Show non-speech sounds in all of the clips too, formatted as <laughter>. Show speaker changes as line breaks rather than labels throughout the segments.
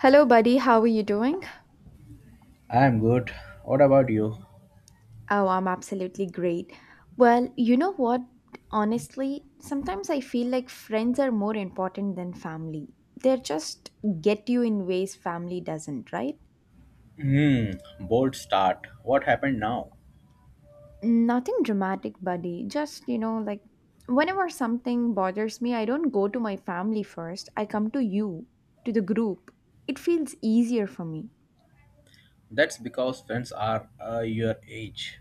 Hello, buddy. How are you doing?
I'm good. What about you?
Oh, I'm absolutely great. Well, you know what? Honestly, sometimes I feel like friends are more important than family. They just get you in ways family doesn't, right?
Hmm, bold start. What happened now?
Nothing dramatic, buddy. Just, you know, like whenever something bothers me, I don't go to my family first. I come to you, to the group. It feels easier for me.
That's because friends are your age.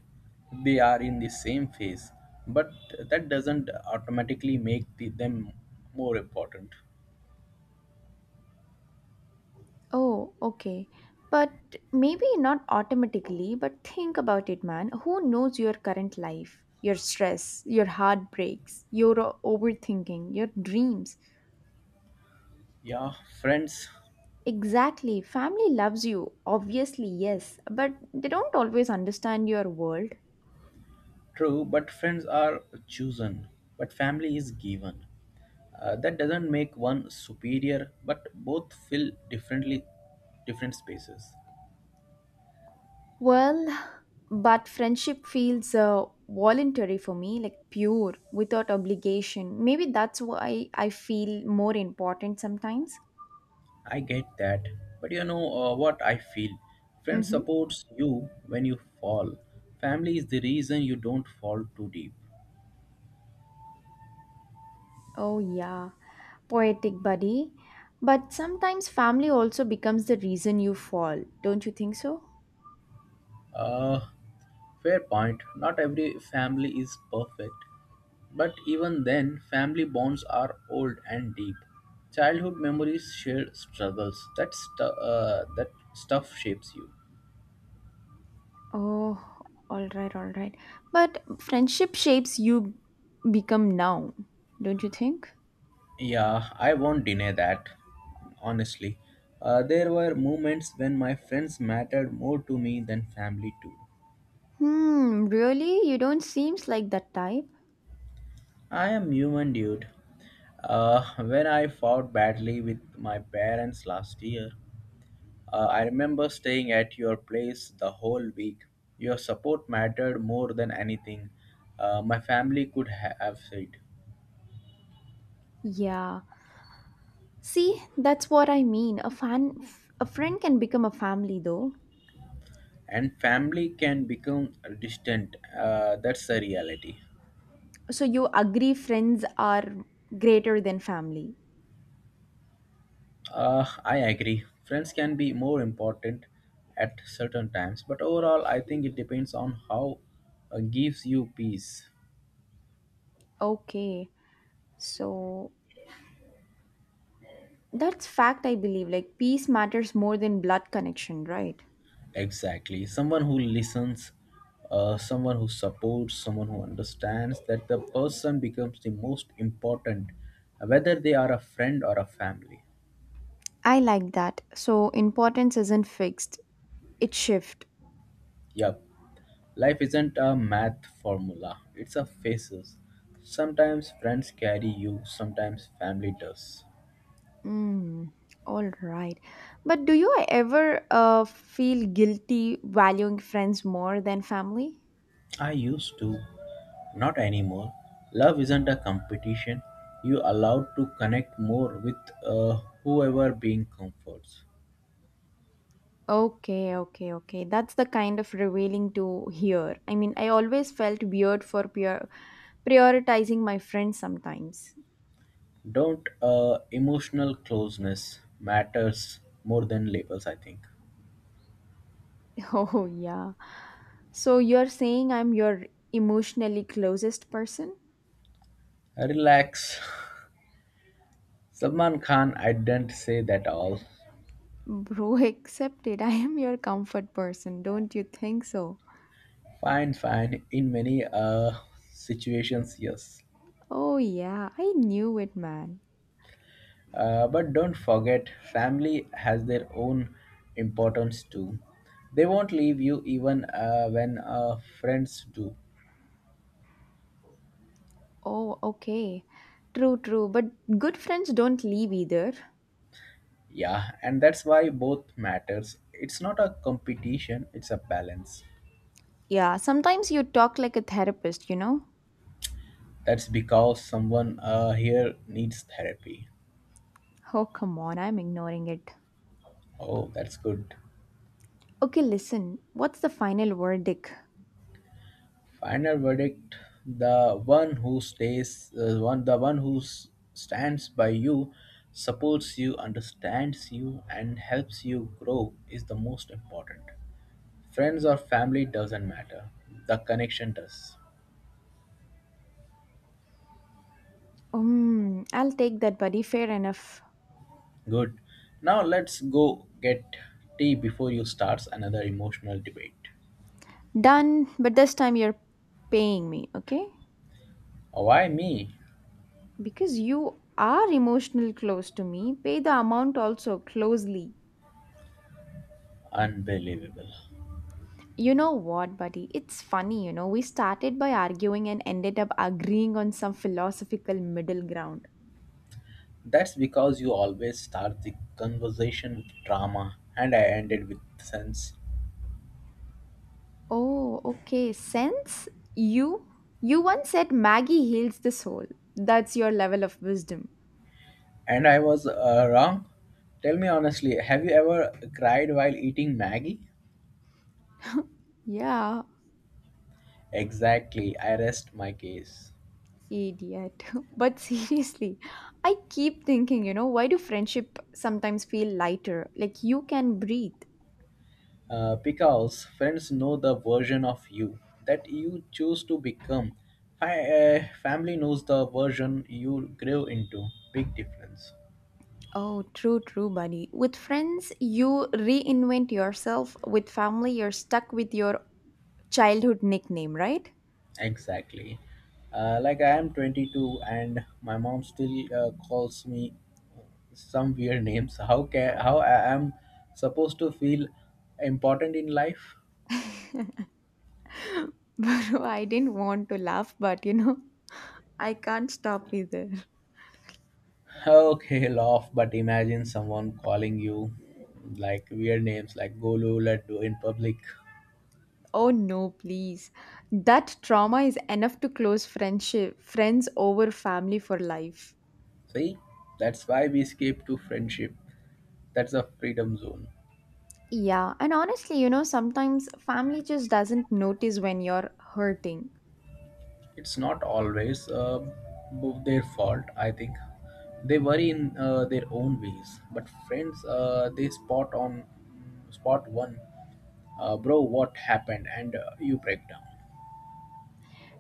They are in the same phase, but that doesn't automatically make them more important.
Oh, okay. But maybe not automatically, but think about it, man. Who knows your current life, your stress, your heartbreaks, your overthinking, your dreams?
Yeah, friends,
Exactly. Family loves you, obviously, yes, but they don't always understand your world.
true, but friends are chosen, but family is given. That doesn't make one superior, but both fill different spaces.
Well, but friendship feels voluntary for me, like pure, without obligation. Maybe that's why I feel more important sometimes.
I get that. But you know what I feel? Friends
Mm-hmm.
supports you when you fall. Family is the reason you don't fall too deep.
Oh, yeah, poetic buddy. But sometimes family also becomes the reason you fall, don't you think so?
Uh, Fair point. Not every family is perfect. But even then, family bonds are old and deep. Childhood memories, shared struggles, that stuff shapes you.
Oh, all right, all right. But friendship shapes you become now, don't you think?
Yeah, I won't deny that, honestly. There were moments when my friends mattered more to me than family, too.
Hmm, really? You don't seems like that type.
I am human, dude. When I fought badly with my parents last year, I remember staying at your place the whole week. Your support mattered more than anything my family could have said.
Yeah. See, that's what I mean. A friend can become a family though.
And family can become distant. That's the reality.
So you agree friends are greater than family.
I agree. Friends can be more important at certain times, but overall, I think it depends on how gives you peace.
Okay. So that's fact, I believe. Like, peace matters more than blood connection, right?
Exactly. Someone who listens, someone who supports, someone who understands that the person becomes the most important, whether they are a friend or a family.
I like that. So, importance isn't fixed, it shift.
Yup. Life isn't a math formula, it's a phases. Sometimes friends carry you, sometimes family does.
Mm, all right. But do you ever feel guilty valuing friends more than family?
I used to, not anymore. Love isn't a competition. You allowed to connect more with uh, whoever being comforts.
Okay, okay, okay. That's the kind of revealing to hear. I mean, I always felt weird for prioritizing my friends sometimes.
Don't Emotional closeness matters more than labels. I think.
<laughs> Oh, yeah. So you're saying I'm your emotionally closest person?
Relax. Salman Khan, I didn't say that all.
Bro, <laughs> accept it. I am your comfort person. Don't you think so?
Fine, fine. In many situations, yes.
Oh, yeah. I knew it, man.
But don't forget, family has their own importance too. They won't leave you even when friends do.
Oh, okay. True, true. But good friends don't leave either.
Yeah, and that's why both matters. It's not a competition; it's a balance.
Yeah, sometimes you talk like a therapist, you know?
That's because someone here needs therapy.
Oh, come on. I'm ignoring it.
Oh, that's good.
Okay, listen. What's the final verdict?
Final verdict: the one who stays, one the one who stands by you, supports you, understands you, and helps you grow is the most important. Friends or family doesn't matter. The connection does.
I'll take that, buddy. Fair enough.
Good. Now let's go get tea before you starts another emotional debate.
Done. But this time you're paying me, okay?
Why me?
Because you are emotional close to me, pay the amount also closely.
Unbelievable.
You know what, buddy? It's funny, you know, we started by arguing and ended up agreeing on some philosophical middle ground.
That's because you always start the conversation with drama and I ended with sense.
Oh, okay. Sense? You? You once said Maggie heals the soul. That's your level of wisdom.
And I was wrong. Tell me honestly, have you ever cried while eating Maggie?
Yeah,
Exactly, I rest my case.
idiot. <laughs> But seriously, I keep thinking, you know, why do friendship sometimes feel lighter? Like you can breathe.
Because friends know the version of you that you choose to become. Family knows the version you grew into. Big difference.
Oh, true, true, buddy. With friends, you reinvent yourself. With family, you're stuck with your childhood nickname, right?
Exactly. Like I am 22 and my mom still calls me some weird <laughs> names. How I am supposed to feel important in life?
<laughs> Bro, I didn't want to laugh, but you know, I can't stop either.
Okay, laugh, but imagine someone calling you like weird names like Golu, Laddu in public.
Oh no, please. That trauma is enough to close friendship, friends over family for life.
See, that's why we escape to friendship. That's a freedom zone.
Yeah, and honestly, you know, sometimes family just doesn't notice when you're hurting.
It's not always their fault, I think. They worry in their own ways, but friends, they spot one bro what happened and you break down.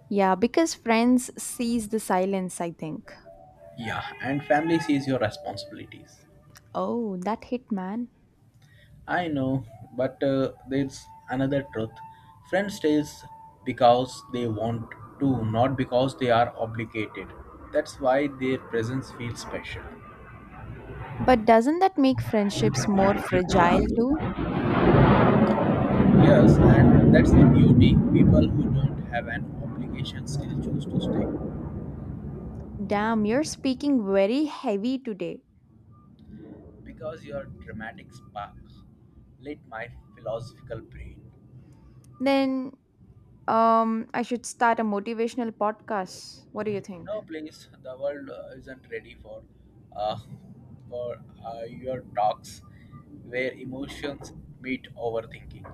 Yeah, because friends sees the silence, I think.
Yeah, and family sees your responsibilities.
Oh, that hit, man.
I know, but there's another truth. Friends stays because they want to, not because they are obligated. That's why their presence feels special.
But doesn't that make friendships more fragile too?
Yes, and that's the beauty. People who don't have an obligation still choose to stay
Damn, you're speaking very heavy today.
because your dramatic spark lit my philosophical brain.
Then I should start a motivational podcast. What do you think?
No, please. The world isn't ready uh, for your talks where emotions meet overthinking.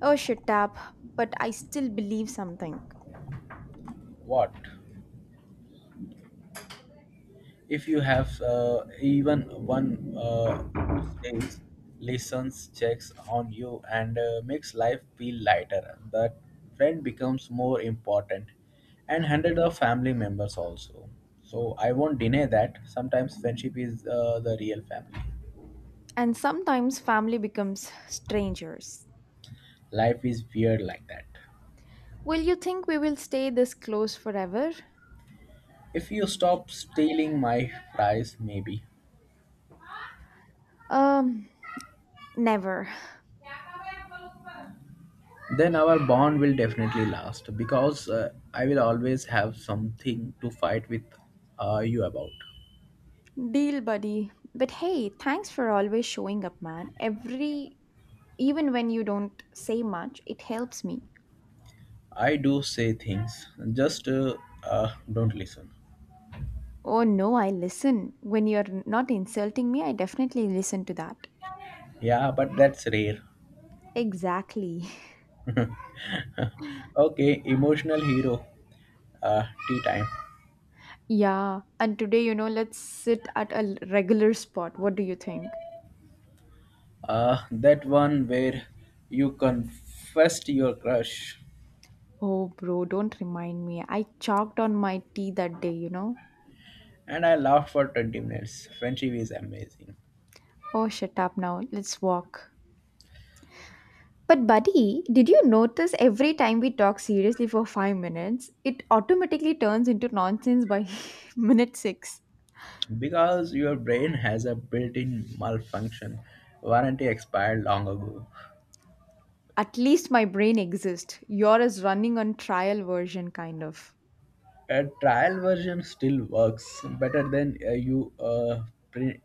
Oh shit tap, but I still believe something.
What if you have even one who stays, listens, checks on you, and makes life feel lighter? That friend becomes more important, and hundreds of family members also. So I won't deny that sometimes friendship is the real family.
And sometimes family becomes strangers.
Life is weird like that.
Will you think we will stay this close forever?
If you stop stealing my fries, maybe.
Um never.
Then our bond will definitely last because I will always have something to fight with you about.
Deal buddy. But hey, thanks for always showing up, man. Every even when you don't say much, it helps me.
I do say things, just don't listen.
Oh no, I listen. When you're not insulting me, I definitely listen to that.
Yeah, but that's rare.
Exactly. <laughs>
Okay, emotional hero, tea time.
Yeah, and today, you know, let's sit at a regular spot. What do you think?
That one where you confessed your crush.
Oh, bro, don't remind me. I chalked on my tea that day, you know.
And I laughed for 20 minutes. Friendship is amazing.
Oh, shut up now. Let's walk. But, buddy, did you notice every time we talk seriously for 5 minutes, it automatically turns into nonsense by <laughs> minute six?
Because your brain has a built-in malfunction warranty expired long ago.
At least my brain exists. Yours is running on trial version, kind of.
A trial version still works better than you pre-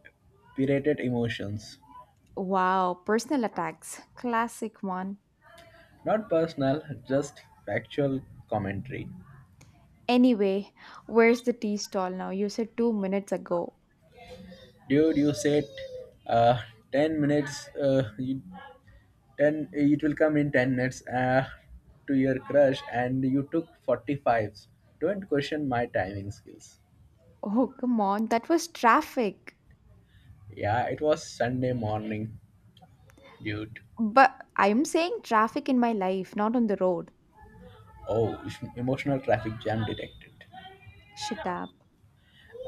pirated emotions.
Wow, personal attacks. Classic one.
Not personal, just factual commentary.
Anyway, where's the tea stall now? You said 2 minutes ago.
Dude, you said, uh, 10 minutes, you, 10, it will come in 10 minutes, to your crush, and you took 45s. Don't question my timing skills.
Oh, come on. That was traffic.
Yeah, it was Sunday morning, dude.
But I'm saying traffic in my life, not on the road.
Oh, <laughs> emotional traffic jam detected.
Shut up.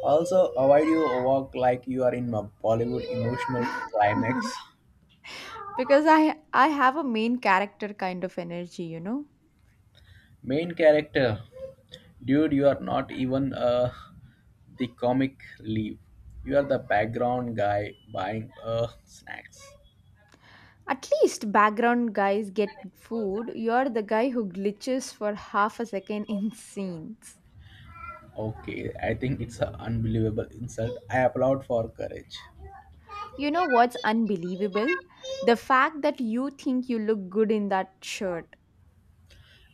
Also, avoid you walk like you are in a Bollywood emotional climax.
Because I have a main character kind of energy, you know?
Main character, dude, you are not even the comic leaf. You are the background guy buying snacks.
At least background guys get food. You're the guy who glitches for half a second in scenes.
Okay, I think it's an unbelievable insult. I applaud for courage.
You know what's unbelievable? The fact that you think you look good in that shirt.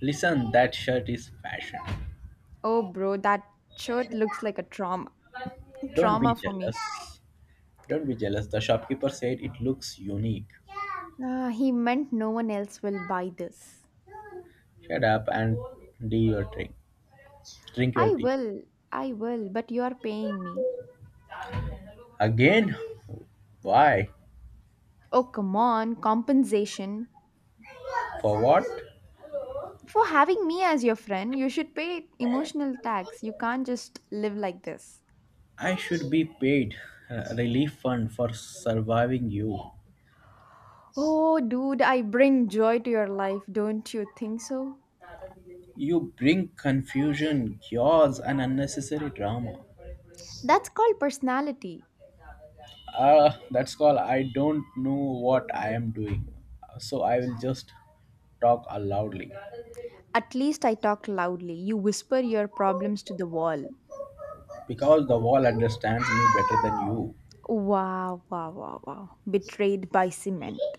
Listen, that shirt is fashion.
Oh, bro, that shirt looks like a trauma.
Don't be
Trauma for me.
jealous. Don't be jealous. The shopkeeper said it looks unique.
Ah, he meant no one else will buy this.
Shut up and do your drink. Drink your
I
tea.
will, I will, but you are paying me.
Again? Why?
Oh, come on, compensation.
For what?
For having me as your friend, you should pay emotional tax. You can't just live like this.
I should be paid a relief fund for surviving you.
Oh, dude, I bring joy to your life, don't you think so?
You bring confusion, chaos, and unnecessary drama.
That's called personality.
That's called I don't know what I am doing. So I will just talk loudly.
At least I talk loudly. You whisper your problems to the wall.
Because the wall understands me better than you.
Wow, wow, wow, wow. Betrayed by cement.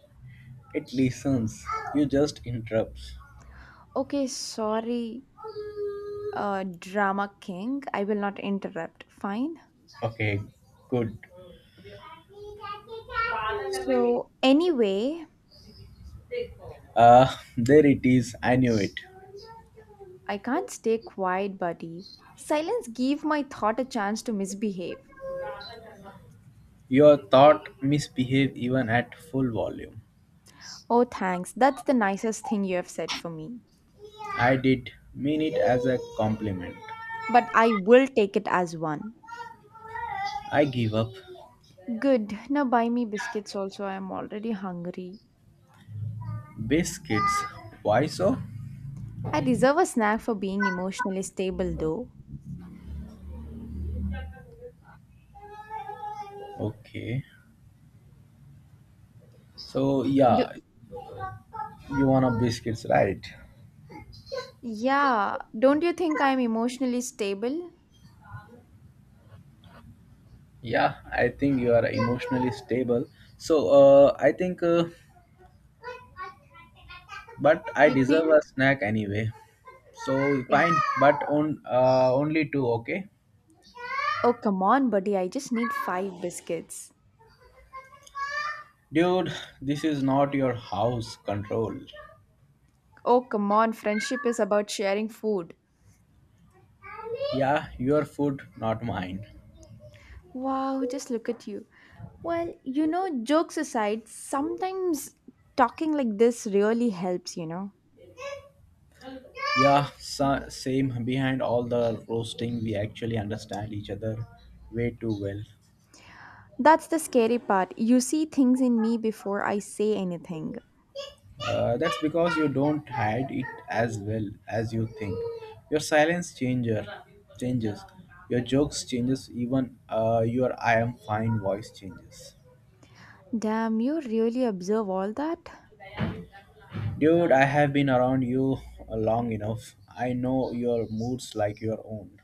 It listens. You just interrupts.
Okay, sorry, drama king. I will not interrupt. Fine.
Okay, good.
So, anyway,
There it is. I knew it.
I can't stay quiet, buddy. Silence gave my thought a chance to misbehave.
Your thought misbehave even at full volume.
Oh, thanks. That's the nicest thing you have said for me.
I did mean it as a compliment.
But I will take it as one.
I give up.
Good. Now buy me biscuits also. I am already hungry.
Biscuits. Why so?
I deserve a snack for being emotionally stable, though.
Okay. So,
Do.
yeah, you want a biscuits, right?
Yeah, don't you think I'm emotionally stable?
Yeah, I think you are emotionally stable. So, I think, but I
You
deserve
think?
a snack anyway. So,
Ex-
fine, but only two, okay?
Oh, come on, buddy, I just need 5 biscuits.
Dude, this is not your house control.
Oh, come on, friendship is about sharing food.
Yeah, your food, not mine.
Wow, just look at you. Well, you know, jokes aside, sometimes talking like this really helps, you know.
Yeah, same. Behind all the roasting, we actually understand each other way too well.
That's the scary part. You see things in me before I say anything.
That's because you don't hide it as well as you think. Your silence changer changes. Your jokes changes. Even your I am fine voice changes.
Damn, you really observe all that?
Dude, I have been around you long enough. I know your moods like your own.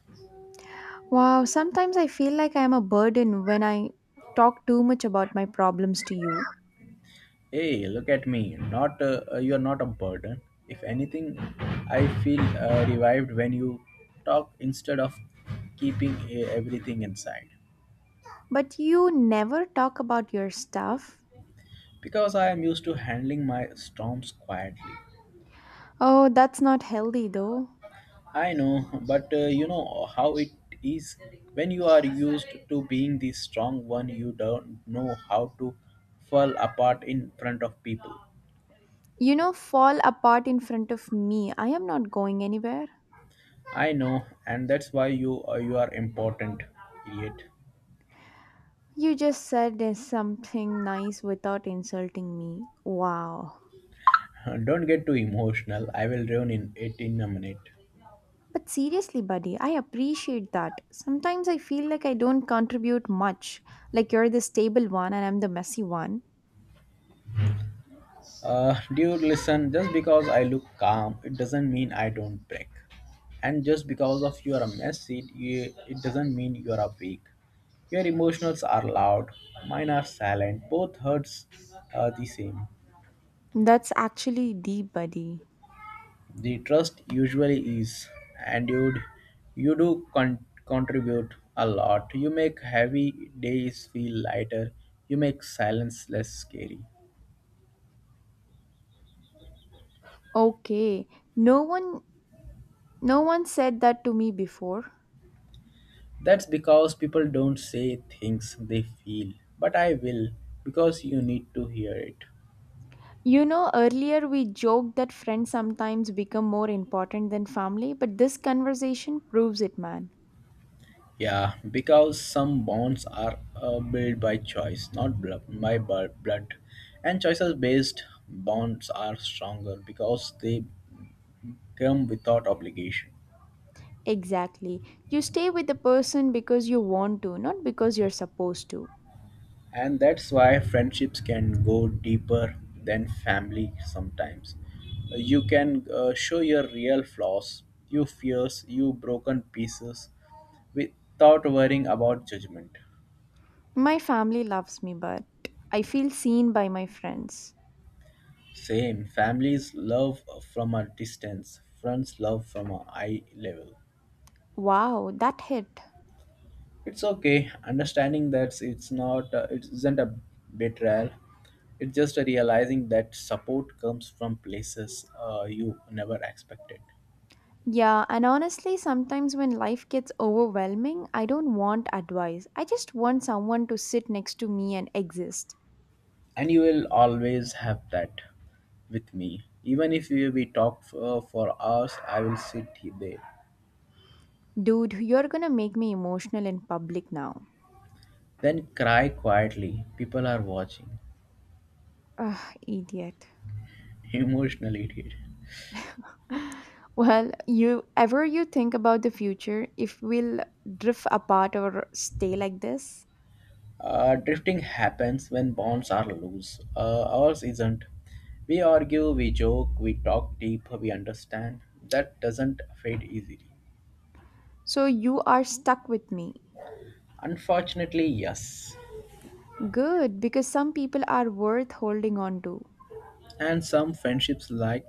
Wow, sometimes I feel like I am a burden when I talk too much about my problems to you.
Hey, look at me. Not you're not a burden. If anything, I feel revived when you talk instead of keeping everything inside.
But you never talk about your stuff.
Because I am used to handling my storms quietly.
Oh, that's not healthy though.
I know, but you know how it is when you are used to being the strong one, you don't know how to fall apart in front of people.
You know, fall apart in front of me. I am not going anywhere.
I know, and that's why you are important, idiot.
You just said there's something nice without insulting me. Wow.
<laughs> Don't get too emotional. I will ruin in it in a minute.
But seriously, buddy, I appreciate that. Sometimes I feel like I don't contribute much. Like you're the stable one and I'm the messy one.
Dude, listen. Just because I look calm, it doesn't mean I don't break. And just because of you are a mess, it doesn't mean you are a weak. Your emotions are loud. Mine are silent. Both hurts are the same.
That's actually deep, buddy.
The trust usually is, and dude, you do contribute a lot. You make heavy days feel lighter. You make silence less scary.
Okay. No one no one said that to me before.
That's because people don't say things they feel, but I will because you need to hear it.
You know, earlier we joked that friends sometimes become more important than family, but this conversation proves it, man.
Yeah, because some bonds are built by choice, not blood, by bu- blood. And choices based bonds are stronger because they come without obligation.
Exactly. You stay with the person because you want to, not because you're supposed to.
And that's why friendships can go deeper than family sometimes. You can show your real flaws, your fears, your broken pieces without worrying about judgment.
My family loves me, but I feel seen by my friends.
Same, families love from a distance, friends love from a eye level.
Wow, that hit.
It's okay, understanding that it isn't a betrayal. It's just a realizing that support comes from places you never expected.
Yeah, and honestly, sometimes when life gets overwhelming, I don't want advice. I just want someone to sit next to me and exist.
And you will always have that with me. Even if we talk for hours, I will sit there.
Dude, you're gonna make me emotional in public now.
Then cry quietly. People are watching.
Ugh, idiot.
<laughs> Emotionally, idiot.
<laughs> Well, you ever you think about the future if we'll drift apart or stay like this?
Drifting happens when bonds are loose. Ours isn't. We argue, we joke, we talk deep, we understand. That doesn't fade easily.
So you are stuck with me.
Unfortunately, yes.
Good, because some people are worth holding on to.
And some friendships like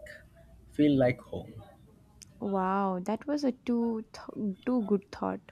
feel like home.
Wow, that was a too too good thought.